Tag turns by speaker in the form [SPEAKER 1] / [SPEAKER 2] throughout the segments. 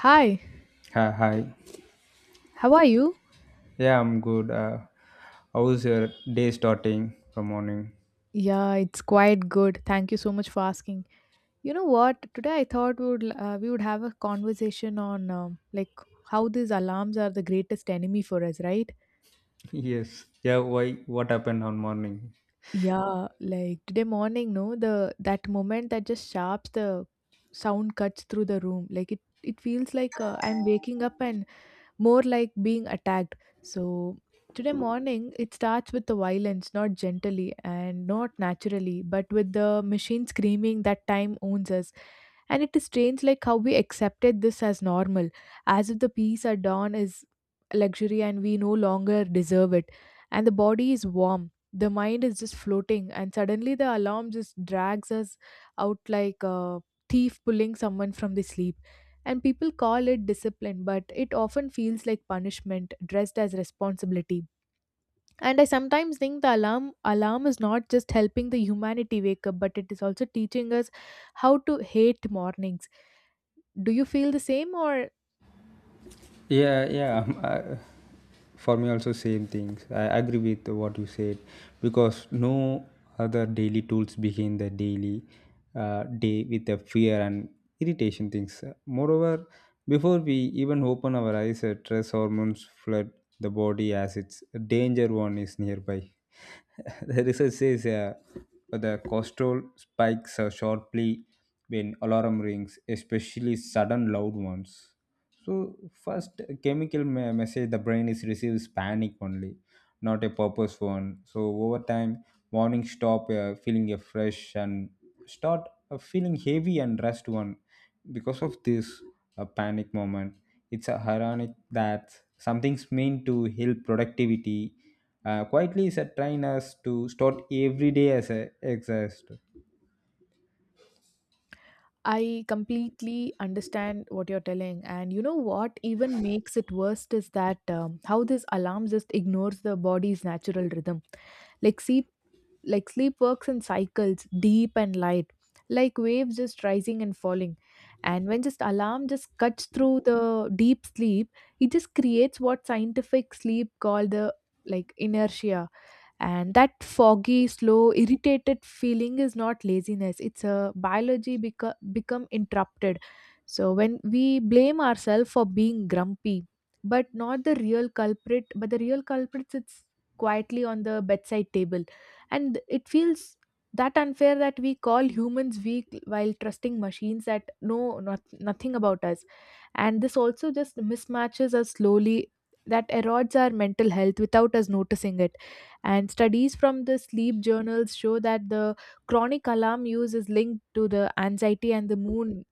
[SPEAKER 1] Hi,
[SPEAKER 2] Hi, hi.
[SPEAKER 1] how are you?
[SPEAKER 2] Yeah, I'm good. How's your day starting from morning?
[SPEAKER 1] Yeah, it's quite good. Thank you so much for asking. You know what? Today I thought we would have a conversation on like how these alarms are the greatest enemy for us, right?
[SPEAKER 2] Yes. Yeah, why? What happened on morning?
[SPEAKER 1] Yeah, like today morning, no, the that moment that just sharps the sound cuts through the room. Like it feels like I'm waking up and more like being attacked. So today morning, it starts with the violence, not gently and not naturally, but with the machine screaming that time owns us. And it is strange, like how we accepted this as normal, as if the peace at dawn is luxury and we no longer deserve it. And the body is warm, the mind is just floating, and suddenly the alarm just drags us out like a thief pulling someone from the sleep. And people call it discipline, but it often feels like punishment dressed as responsibility. And I sometimes think the alarm is not just helping the humanity wake up, but it is also teaching us how to hate mornings. Do you feel the same or
[SPEAKER 2] Yeah, yeah. For me also same things. I agree with what you said because no other daily tools begin the daily day with the fear and irritation things. Moreover, before we even open our eyes, stress hormones flood the body as its danger one is nearby. The research says the cortisol spikes sharply when alarm rings, especially sudden loud ones, so first chemical message the brain is receives panic only, not a purpose one. So over time, morning stop feeling a fresh and start feeling heavy and rest one. Because of this panic moment, it's ironic that something's meant to help productivity. Quietly is a train us to start every day as a exhaust.
[SPEAKER 1] I completely understand what you're telling. And you know what even makes it worse is that how this alarm just ignores the body's natural rhythm. Like sleep like sleep works in cycles deep and light, like waves just rising and falling, and when just alarm just cuts through the deep sleep, it just creates what scientific sleep called the like inertia. And that foggy slow irritated feeling is not laziness, it's a biology become interrupted. So when we blame ourselves for being grumpy, but not the real culprit, but the real culprit sits quietly on the bedside table. And it feels that unfair that we call humans weak while trusting machines that know not, nothing about us. And this also just mismatches us slowly, that erodes our mental health without us noticing it. And studies from the sleep journals show that the chronic alarm use is linked to the anxiety and the mood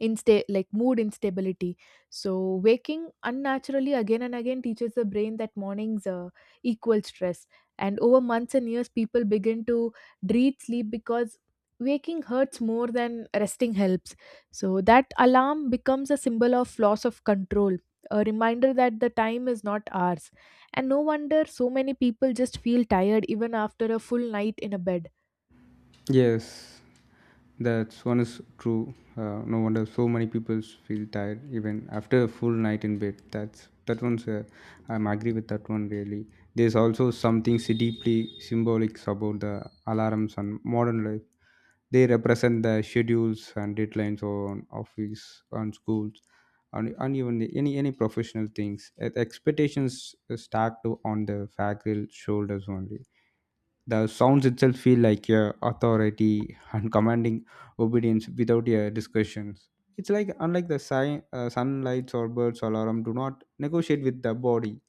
[SPEAKER 1] like mood instability. So waking unnaturally again and again teaches the brain that mornings equal stress, and over months and years people begin to dread sleep because waking hurts more than resting helps. So that alarm becomes a symbol of loss of control, a reminder that the time is not ours. And no wonder so many people just feel tired even after a full night in a bed.
[SPEAKER 2] Yes, that's one is true. No wonder so many people feel tired even after a full night in bed. That's that one's. I'm agree with that one really. There's also something deeply symbolic about the alarms and modern life. They represent the schedules and deadlines on office, on schools, and even any professional things. Expectations stacked on the faculty shoulders only. The sounds itself feel like a authority and commanding obedience without a discussions. It's like unlike the sunlights or birds alarm do not negotiate with the body.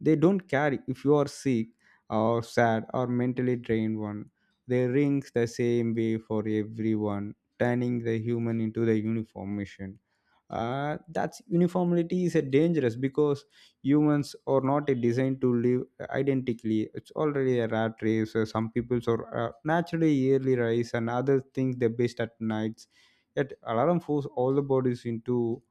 [SPEAKER 2] They don't care if you are sick or sad or mentally drained one. They rings the same way for everyone, turning the human into the uniform machine. That's uniformity is a dangerous because humans are not a designed to live identically. It's already a rat race. Some peoples are naturally yearly rise and others think they're best at nights, yet alarm force all the bodies into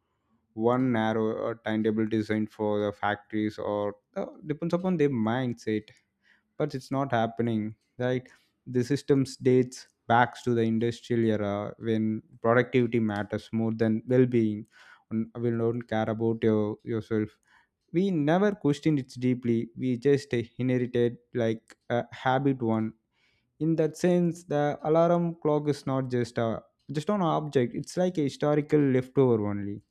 [SPEAKER 2] one narrow timetable designed for the factories or depends upon their mindset, but it's not happening, right? The systems dates back to the industrial era when productivity matters more than well-being, and we don't care about yourself. We never questioned it deeply, we just inherited like a habit one. In that sense, the alarm clock is not just an object, it's like a historical leftover only.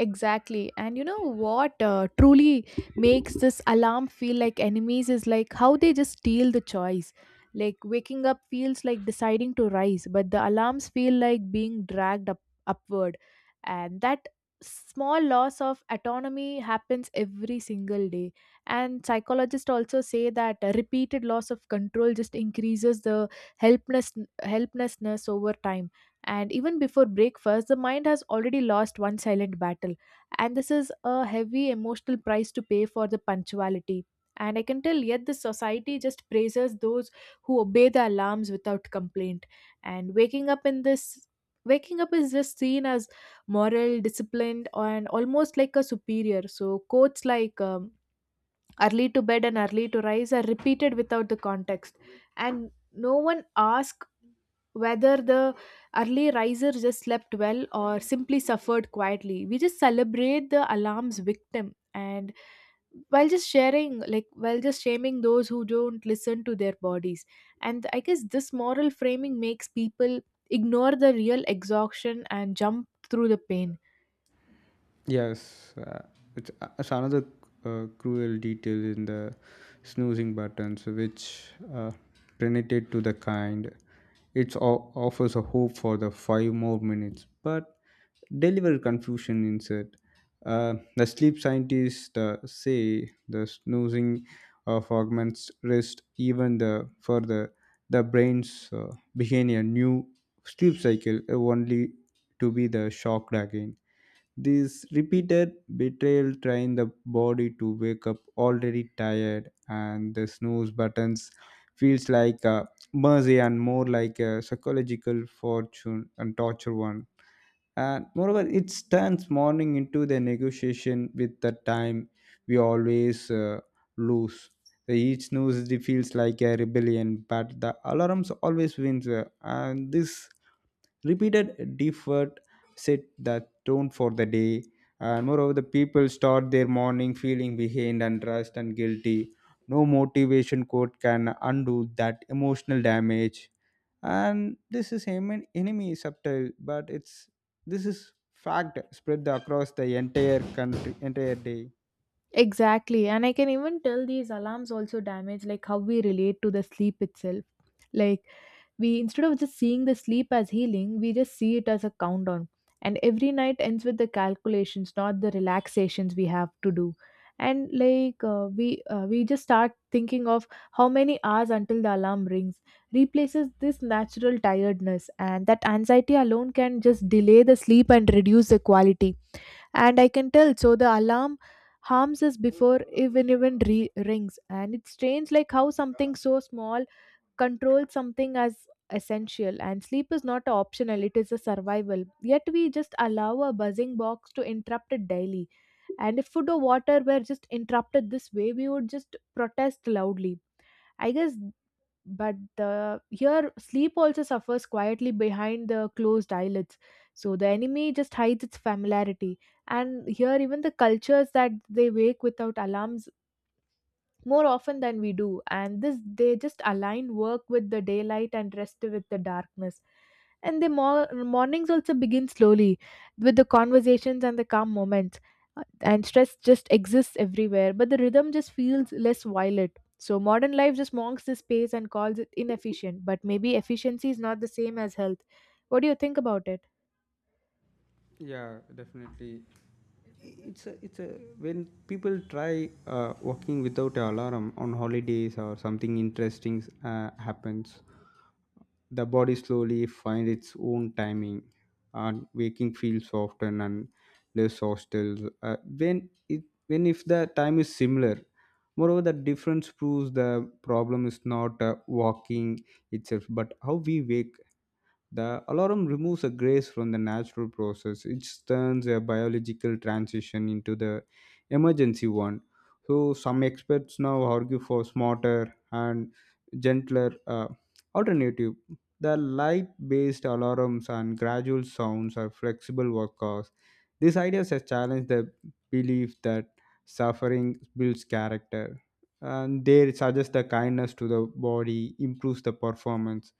[SPEAKER 1] Exactly. And you know what truly makes this alarm feel like enemies is like how they just steal the choice. Like waking up feels like deciding to rise, but the alarms feel like being dragged up upward. And that small loss of autonomy happens every single day. And psychologists also say that a repeated loss of control just increases the helpless helplessness over time. And even before breakfast, the mind has already lost one silent battle. And this is a heavy emotional price to pay for the punctuality. And I can tell, yet the society just praises those who obey the alarms without complaint. And waking up is just seen as moral disciplined and almost like a superior. So quotes like early to bed and early to rise are repeated without the context, and no one asks whether the early riser just slept well or simply suffered quietly. We just celebrate the alarm's victim, and while just shaming those who don't listen to their bodies. And I guess this moral framing makes people ignore the real exhaustion and jump through the pain.
[SPEAKER 2] Yes, it's another cruel detail in the snoozing buttons, which uh, related to the kind. It offers a hope for the 5 more minutes, but deliver confusion instead. The sleep scientists say the snoozing of augments rest even the further. The brains begin a new sleep cycle only to be the shocked again. This repeated betrayal train the body to wake up already tired, and the snooze buttons feels like a mercy and more like a psychological fortune and torture one. And moreover, it turns morning into the negotiation with the time we always lose. The each snooze it feels like a rebellion, but the alarms always wins, and this repeated effort set the tone for the day, and moreover, the people start their morning feeling behind and rushed and guilty. No motivation quote can undo that emotional damage. And this is enemy subtle, but it's this is fact spread across the entire country, entire day.
[SPEAKER 1] Exactly. And I can even tell these alarms also damage like how we relate to the sleep itself. Like we, instead of just seeing the sleep as healing, we just see it as a countdown. And every night ends with the calculations, not the relaxations we have to do. And like we just start thinking of how many hours until the alarm rings replaces this natural tiredness, and that anxiety alone can just delay the sleep and reduce the quality, and I can tell. So the alarm harms us before rings, and it's strange like how something so small controls something as essential. And sleep is not optional; it is a survival. Yet we just allow a buzzing box to interrupt it daily. And if food or water were just interrupted this way, we would just protest loudly. I guess, but the here sleep also suffers quietly behind the closed eyelids. So the enemy just hides its familiarity. And here even the cultures that they wake without alarms more often than we do, and this they just align work with the daylight and rest with the darkness. And the mornings also begin slowly with the conversations and the calm moments. Uh, and stress just exists everywhere, but the rhythm just feels less violent. So modern life just mocks this space and calls it inefficient, but maybe efficiency is not the same as health. What do you think about it?
[SPEAKER 2] Yeah, definitely. It's a When people try walking without an alarm on holidays or something interesting happens, the body slowly find its own timing, and waking feels often and less hostile. When if the time is similar, moreover the difference proves the problem is not walking itself, but how we wake. The alarm removes a grace from the natural process. It turns a biological transition into the emergency one. So some experts now argue for smarter and gentler alternative. The light-based alarms and gradual sounds are flexible workers. These ideas have challenged the belief that suffering builds character. And they suggest the kindness to the body improves the performance.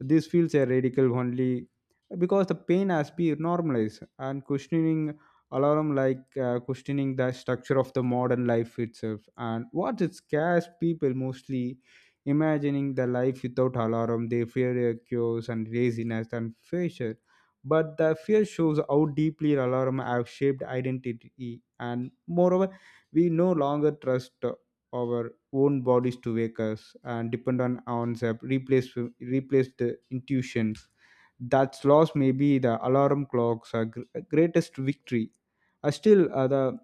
[SPEAKER 2] This feels a radical only because the pain has been normalized, and questioning alarm like questioning the structure of the modern life itself. And what it scares people mostly, imagining the life without alarm, they fear a chaos and laziness and failure. But the fear shows how deeply alarm have shaped identity, and moreover, we no longer trust our own bodies to wake us and depend on ourselves, replace the intuitions. That's loss may be the alarm clocks are greatest victory. Still, the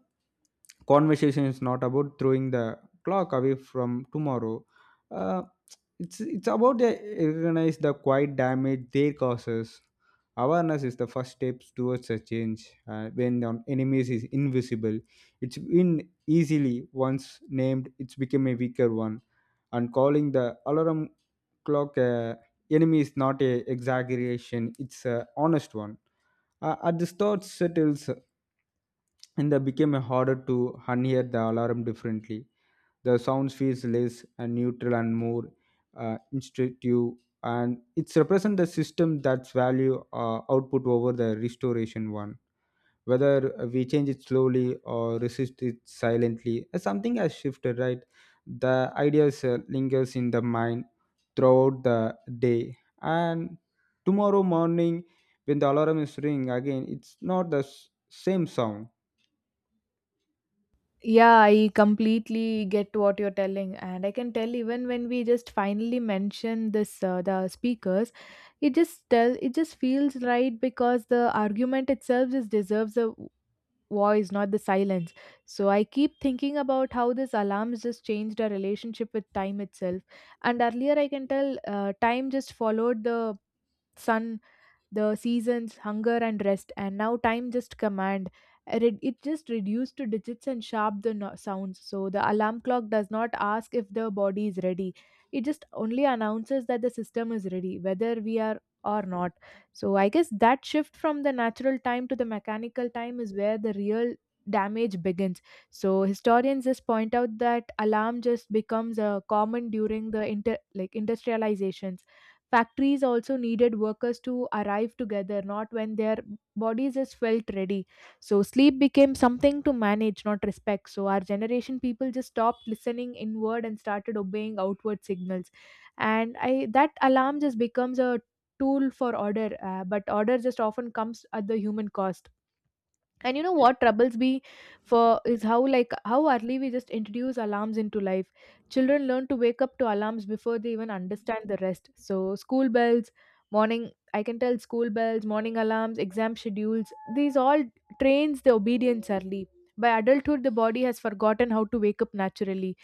[SPEAKER 2] conversation is not about throwing the clock away from tomorrow. Uh, it's about the recognize the quiet damage they causes. Awareness is the first steps towards a change. When the enemies is invisible, it's been easily. Once named, it's become a weaker one, and calling the alarm clock a enemy is not a exaggeration, it's a honest one. At the thought settles, and they became harder to unhear the alarm differently. The sounds feels less and neutral and more instructive, and it's represent the system that's value output over the restoration one. Whether we change it slowly or resist it silently, something has shifted, right? The ideas lingers in the mind throughout the day, and tomorrow morning when the alarm is ring again, it's not the same sound.
[SPEAKER 1] Yeah, I completely get what you're telling, and I can tell even when we just finally mention this the speakers, it just feels right because the argument itself just deserves a voice, not the silence. So I keep thinking about how this alarms just changed our relationship with time itself, and earlier I can tell time just followed the sun, the seasons, hunger and rest. And now time just command. It just reduced to digits and sharp the sounds. So the alarm clock does not ask if the body is ready, it just only announces that the system is ready, whether we are or not. So I guess that shift from the natural time to the mechanical time is where the real damage begins. So historians just point out that alarm just becomes a common during the inter like industrialization. Factories also needed workers to arrive together, not when their bodies just felt ready. So sleep became something to manage, not respect. So our generation people just stopped listening inward and started obeying outward signals. And I that alarm just becomes a tool for order, but order just often comes at the human cost. And you know what troubles me for is how early we just introduce alarms into life. Children learn to wake up to alarms before they even understand the rest. So school bells, morning, I can tell, school bells, morning alarms, exam schedules, these all trains the obedience early. By adulthood the body has forgotten how to wake up naturally,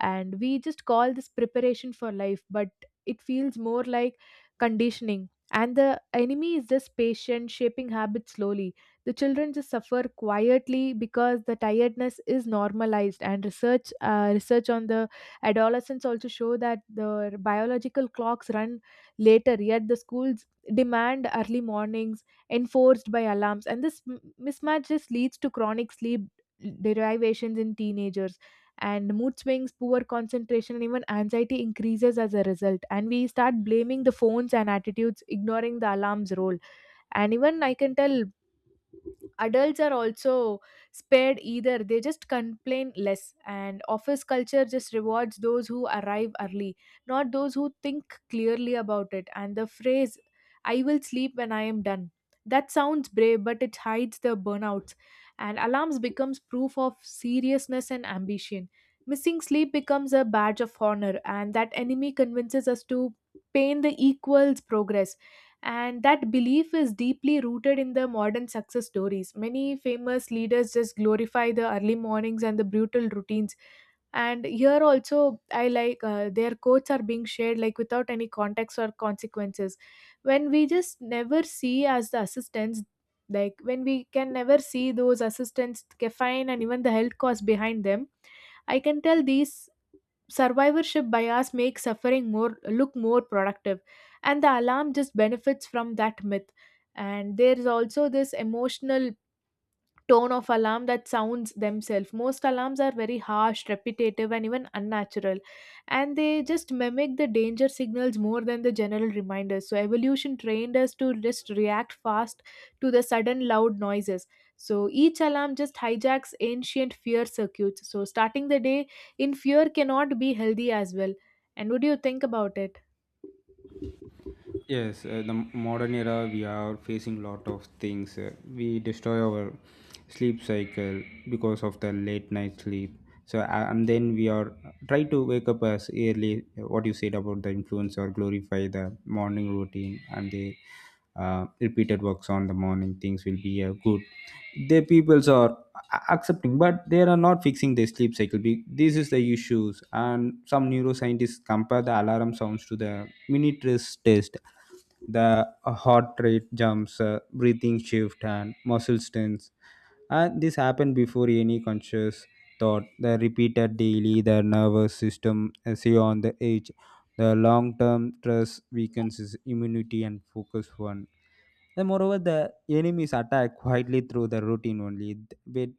[SPEAKER 1] and we just call this preparation for life, but it feels more like conditioning. And the enemy is just patient, shaping habits slowly. The children just suffer quietly because the tiredness is normalized, and research on the adolescents also show that the biological clocks run later, yet the schools demand early mornings, enforced by alarms. And this mismatch just leads to chronic sleep derivations in teenagers, and mood swings, poor concentration, and even anxiety increases as a result. And we start blaming the phones and attitudes, ignoring the alarm's role. And even I can tell adults are also spared either, they just complain less, and office culture just rewards those who arrive early, not those who think clearly about it. And the phrase, I will sleep when I am done, that sounds brave but it hides the burnouts. And alarms becomes proof of seriousness and ambition, missing sleep becomes a badge of honor, and that enemy convinces us to pain the equals progress. And that belief is deeply rooted in the modern success stories. Many famous leaders just glorify the early mornings and the brutal routines. And here also I like their quotes are being shared like without any context or consequences. When we just never see as the assistants, like when we can never see those assistants, caffeine and even the health costs behind them, I can tell these survivorship bias makes suffering more look more productive, and the alarm just benefits from that myth. And there is also this emotional tone of alarm that sounds themselves. Most alarms are very harsh, repetitive, and even unnatural, and they just mimic the danger signals more than the general reminders. So, evolution trained us to just react fast to the sudden loud noises. So, each alarm just hijacks ancient fear circuits. So, starting the day in fear cannot be healthy as well. And what do you think about it?
[SPEAKER 2] Yes, the modern era we are facing lot of things. We destroy our sleep cycle because of the late night sleep. So and then we are try to wake up as early. What you said about the influence or glorify the morning routine and the repeated works on the morning things will be good. The peoples are accepting, but they are not fixing their sleep cycle. This is the issues, and some neuroscientists compare the alarm sounds to the minute's test. The heart rate jumps, breathing shift and muscle tense, and this happened before any conscious thought. The repeated daily, the nervous system say on the edge. The long term stress weakens his immunity and focus one. Then, moreover, the enemies attack quietly through the routine only. But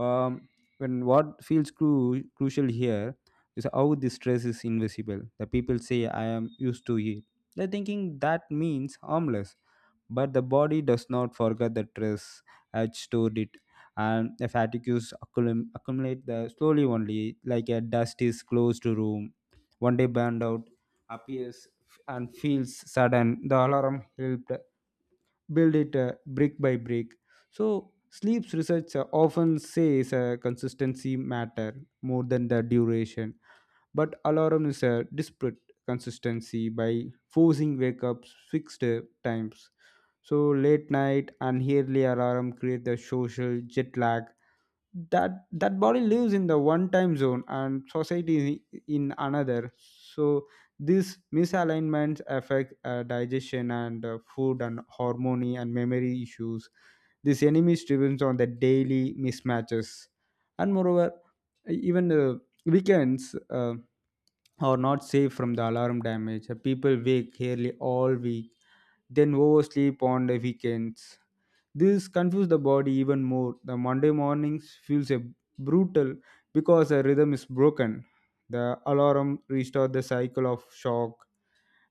[SPEAKER 2] um, when what feels crucial here is how the stress is invisible. The people say, "I am used to it." They're thinking that means harmless, but the body does not forget the stress, had stored it. And the fatigues accumulate the slowly only like a dust is closed room. One day burned out appears and feels sudden. The alarm helped build it brick by brick. So sleep's research often says consistency matter more than the duration, but alarm is a disparate consistency by forcing wake ups fixed times. So late night and early alarm create the social jet lag, that body lives in the one time zone and society in another. So this misalignments affect digestion and food and harmony and memory issues. This enemy depends on the daily mismatches. And moreover, even the weekends are not safe from the alarm damage. People wake nearly all week, then oversleep on the weekends. This confuses the body even more. The Monday mornings feels a brutal because the rhythm is broken. The alarm restores the cycle of shock,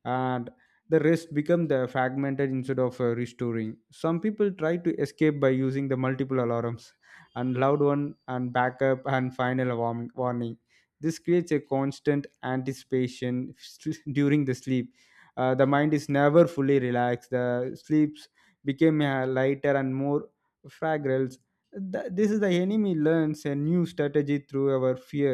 [SPEAKER 2] and the rest become the fragmented instead of restoring. Some people try to escape by using the multiple alarms and loud one and backup and final warning. This creates a constant anticipation during the sleep. The mind is never fully relaxed. The sleeps became lighter and more fragile. This is the enemy learns a new strategy through our fear.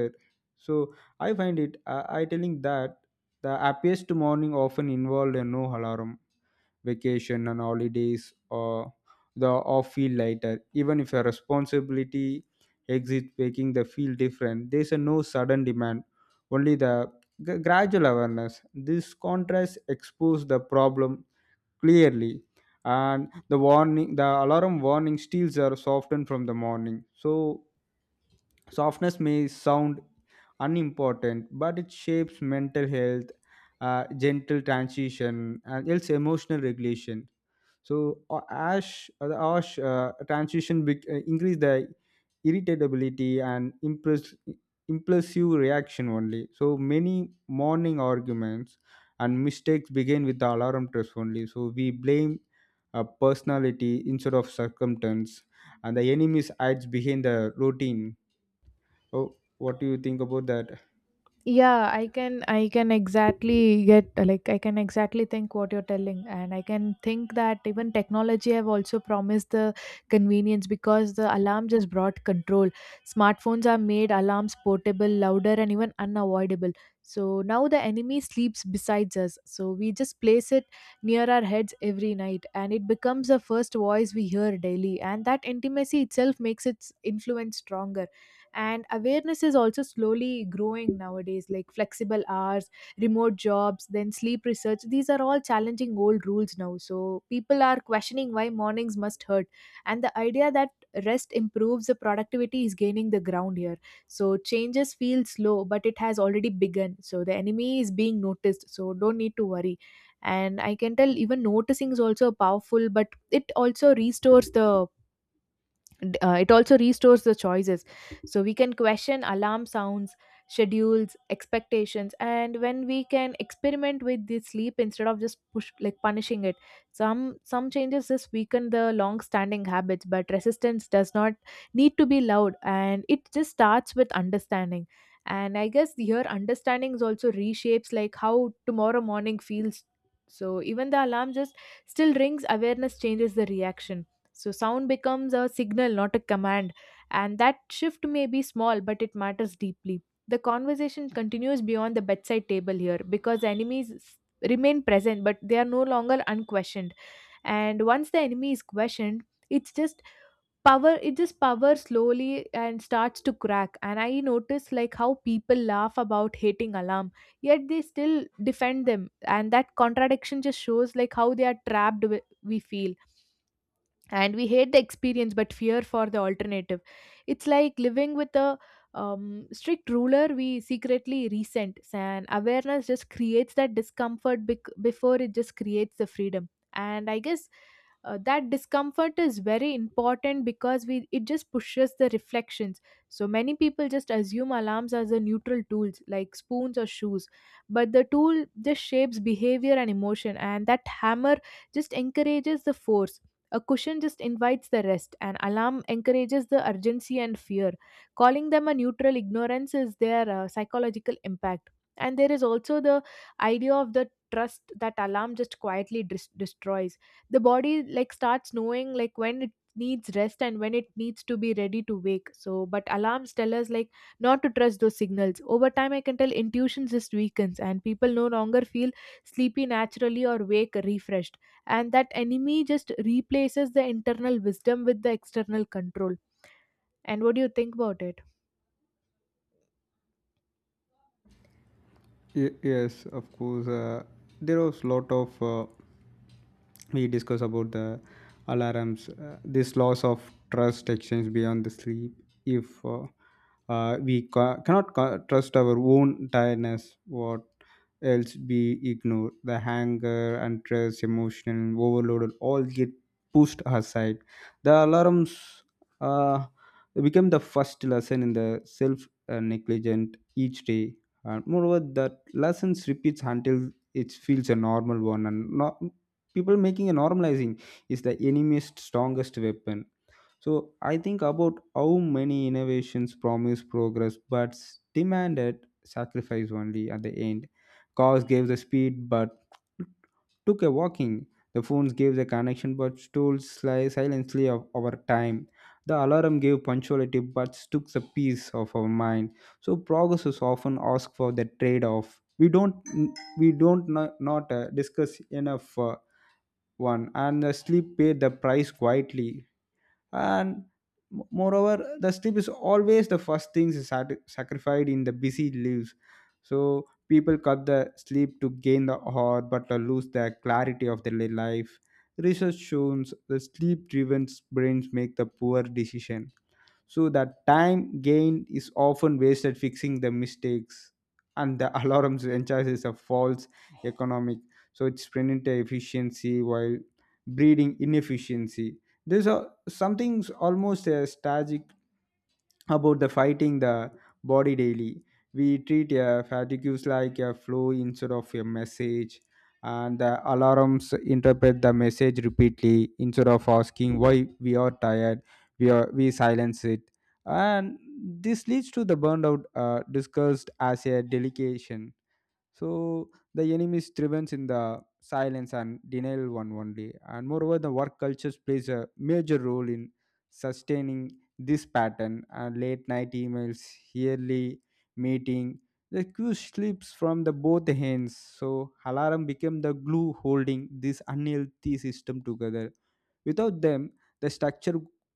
[SPEAKER 2] So I find it I telling that the happiest morning often involved a no alarm, vacation and holidays, or the off feel lighter. Even if a responsibility exit making the feel different, there's a no sudden demand, only the gradual awareness. This contrast exposes the problem clearly, and the warning the alarm warning steals are softened from the morning. So softness may sound unimportant, but it shapes mental health, gentle transition, and else emotional regulation. So the ash transition increase the irritability and impulsive reaction only. So many morning arguments and mistakes begin with the alarm test only. So we blame personality instead of circumstance, and the enemy hides behind the routine. Oh, what do you think about that?
[SPEAKER 1] Yeah, I can exactly get, like I can exactly think what you're telling, and I can think that even technology have also promised the convenience because the alarm just brought control. Smartphones are made alarms portable, louder, and even unavoidable. So now the enemy sleeps besides us, so we just place it near our heads every night, and it becomes the first voice we hear daily, and that intimacy itself makes its influence stronger. And awareness is also slowly growing nowadays, like flexible hours, remote jobs, then sleep research. These are all challenging old rules now, so people are questioning why mornings must hurt. And the idea that rest improves the productivity is gaining the ground here. So changes feel slow, but it has already begun, so the enemy is being noticed, so don't need to worry. And I can tell even noticing is also powerful, but it also restores the it also restores the choices. So we can question alarm sounds, schedules, expectations, and when we can experiment with the sleep instead of just push, like punishing it. Some changes just weaken the long standing habits, but resistance does not need to be loud, and it just starts with understanding. And I guess here understanding is also reshapes like how tomorrow morning feels. So even the alarm just still rings, awareness changes the reaction. So sound becomes a signal, not a command. And that shift may be small, but it matters deeply. The conversation continues beyond the bedside table here because remain present, but they are no longer unquestioned. And once the enemy is questioned, it's just power, it just power slowly and starts to crack. And I notice like how people laugh about hating alarm, yet they still defend them, and that contradiction just shows like how they are trapped, we feel, and we hate the experience but fear for the alternative. It's like living with a strict ruler we secretly resent, and awareness just creates that discomfort before it just creates the freedom. And I guess that discomfort is very important because we, it just pushes the reflections. So many people just assume alarms as a neutral tools like spoons or shoes, but the tool just shapes behavior and emotion. And that hammer just encourages the force, a cushion just invites the rest, an alarm encourages the urgency and fear. Calling them a neutral ignorance is their psychological impact. And there is also the idea of the trust that alarm just quietly destroys. The body like starts knowing like when it needs rest and when it needs to be ready to wake. So, but alarms tell us like not to trust those signals. Over time, I can tell intuition just weakens and people no longer feel sleepy naturally or wake refreshed. And that enemy just replaces the internal wisdom with the external control. And what do you think about it?
[SPEAKER 2] Yes, of course. There was lot of we discuss about the alarms, this loss of trust extends beyond the sleep. If we cannot trust our own tiredness, what else be ignored? The anger and stress, emotional overload all get pushed aside. The alarms uh, become the first lesson in the self negligent each day. And moreover, that lessons repeats until it feels a normal one and not. People making a normalizing is the enemy's strongest weapon. So I think about how many innovations promise progress but demanded sacrifice only at the end. Cars gave the speed but took a walking. The phones gave the connection but stole silently of our time. The alarm gave punctuality but took the peace of our mind. So progress is often asked for the trade-off we don't, we don't not, not discuss enough. One and the sleep paid the price quietly. And moreover, the sleep is always the first thing sacrificed in the busy lives. So people cut the sleep to gain the heart but to lose the clarity of their life. Research shows the sleep driven brains make the poor decision, so that time gained is often wasted fixing the mistakes. And the alarms encourages a false economic, so it's spending the efficiency while breeding inefficiency. There's a something's almost a strategic about the fighting the body daily. We treat fatigues like a flow instead of a message. And the alarms interpret the message repeatedly instead of asking why we are tired. We silence it. And this leads to the burnout, discussed as a delegation. So the enemy thrives in the silence and denial one only. And moreover, the work cultures plays a major role in sustaining this pattern. And late night emails, yearly meeting, the queue slips from the both hands. So alarm became the glue holding this unhealthy system together. Without them, the structure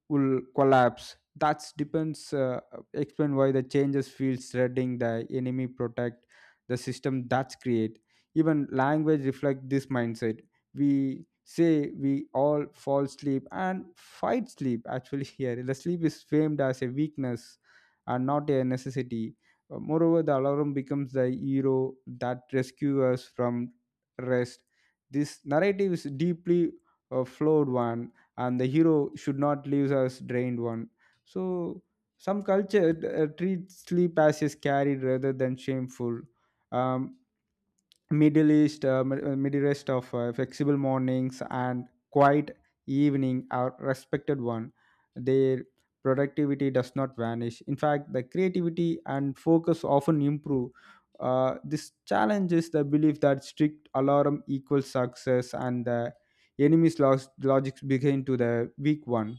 [SPEAKER 2] will collapse. That depends. Explain why the changes feels threading the enemy protect the system that's create. Even language reflect this mindset. We say we all fall sleep and fight sleep actually. Here the sleep is framed as a weakness and not a necessity. Moreover, the alarm becomes the hero that rescues us from rest. This narrative is deeply flawed one. And the hero should not leave us drained one. So some culture treat sleep as is carried rather than shameful. um, Middle east middle east of flexible mornings and quiet evening are respected one. Their productivity does not vanish. In fact, the creativity and focus often improve. This challenges the belief that strict alarm equals success, and the enemy's logics begin to the weak one.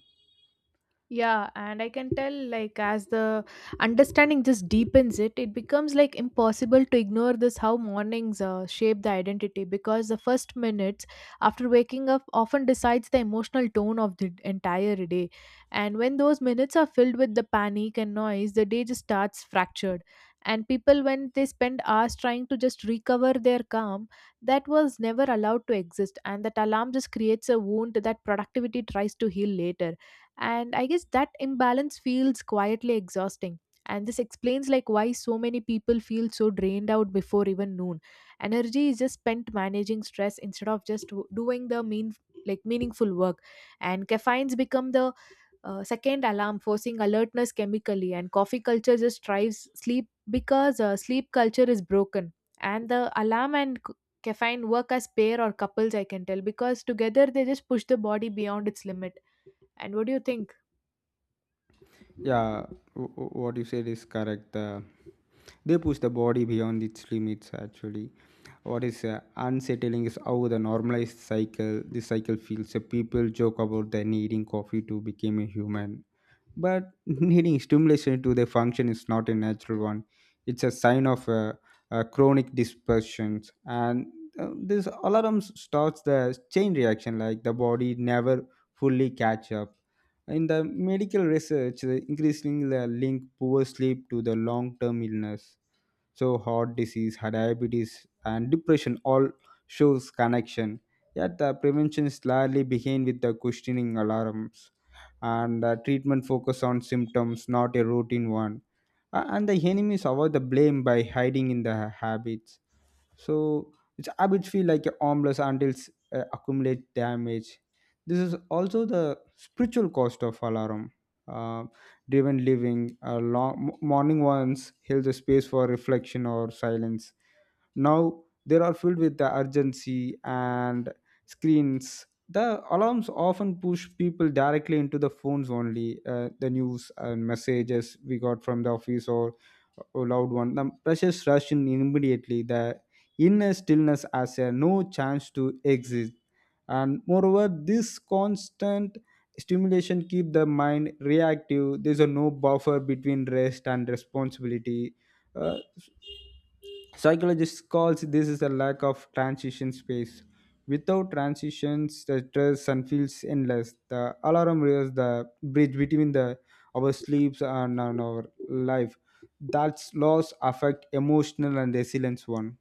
[SPEAKER 1] Yeah, and I can tell, like, as the understanding just deepens it, it becomes like impossible to ignore this how mornings shape the identity, because the first minutes after waking up often decides the emotional tone of the entire day. And when those minutes are filled with the panic and noise, the day just starts fractured. And people, when they spend hours trying to just recover their calm, that was never allowed to exist. And that alarm just creates a wound that productivity tries to heal later. And I guess that imbalance feels quietly exhausting, and this explains like why so many people feel so drained out before even noon. Energy is just spent managing stress instead of just doing the mean, like meaningful work. And caffeines become the second alarm, forcing alertness chemically. And coffee culture just drives sleep because sleep culture is broken. And the alarm and caffeine work as pair or couples, I can tell, because together they just push the body beyond its limit. And what do you think?
[SPEAKER 2] Yeah, what you said is correct. They push the body beyond its limits actually. What is unsettling is how the normalized cycle, this cycle feels. So people joke about the needing coffee to become a human, but needing stimulation to their function is not a natural one. It's a sign of chronic dispersions, and this alarm starts the chain reaction, like the body never fully catch up. In the medical research, the increasing the link poor sleep to the long-term illness, so heart disease, heart diabetes and depression all shows connection. Yet the prevention is largely begin with the questioning alarms, and the treatment focus on symptoms, not a routine one. And the enemies avoid the blame by hiding in the habits. So its habits feel like harmless until accumulate damage. This is also the spiritual cost of alarm uh, driven living. Long, morning ones held the space for reflection or silence. Now they are filled with the urgency and screens. The alarms often push people directly into the phones only. The news and messages we got from the office or a loud one, the precious rush in immediately. The inner stillness has a no chance to exist. And moreover, this constant stimulation keep the mind reactive. There's a no buffer between rest and responsibility. Uh, Psychologists calls this is a lack of transition space. Without transitions, the stress and feels endless. The alarm rings the bridge between the our sleeps and our life. That's loss affect emotional and resilience one.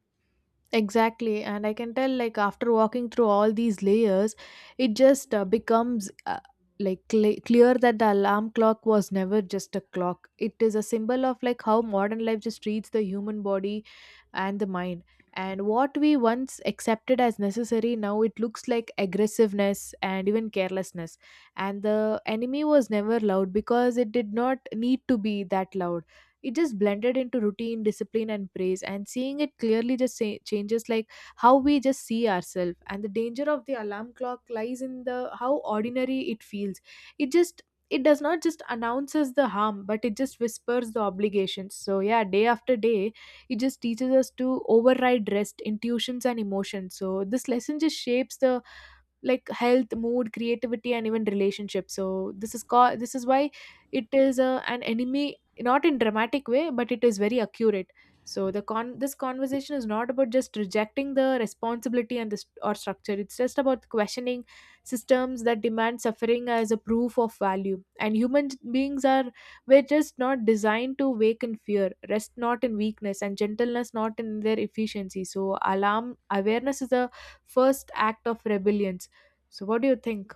[SPEAKER 1] Exactly, and I can tell like after walking through all these layers, it just becomes like clear that the alarm clock was never just a clock. It is a symbol of like how modern life just treats the human body and the mind. And what we once accepted as necessary, now it looks like aggressiveness and even carelessness. And the enemy was never loud because it did not need to be that loud. It just blended into routine, discipline, and praise, and seeing it clearly just say, changes like how we just see ourselves. And the danger of the alarm clock lies in the how ordinary it feels. It just, it does not just announces the harm, but it just whispers the obligations. So yeah, day after day, it just teaches us to override rest, intuitions, and emotions. So this lesson just shapes the like health, mood, creativity, and even relationships. So this is called, this is why it is a, an enemy, not in dramatic way, but it is very accurate. So the con, this conversation is not about just rejecting the responsibility and the or structure. It's just about questioning systems that demand suffering as a proof of value. And human beings are, we're just not designed to wake in fear, rest not in weakness, and gentleness not in their efficiency. So alarm awareness is the first act of rebellion. So, what do you think?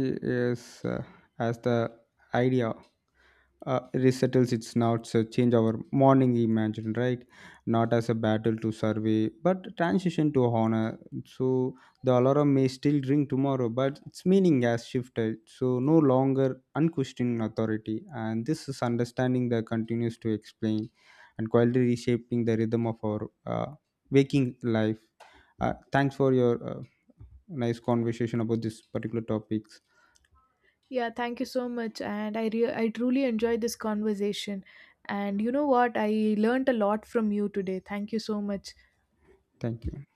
[SPEAKER 2] Yes, as the idea resettles its knots, change our morning imagine right, not as a battle to survey but transition to honor. So the alarm may still ring tomorrow but its meaning has shifted, so no longer unquestioning authority. And this is understanding that continues to explain and quietly reshaping the rhythm of our waking life. Thanks for your nice conversation about this particular topics.
[SPEAKER 1] Yeah, thank you so much. And I truly enjoyed this conversation. And you know what? I learned a lot from you today. Thank you so much.
[SPEAKER 2] Thank you.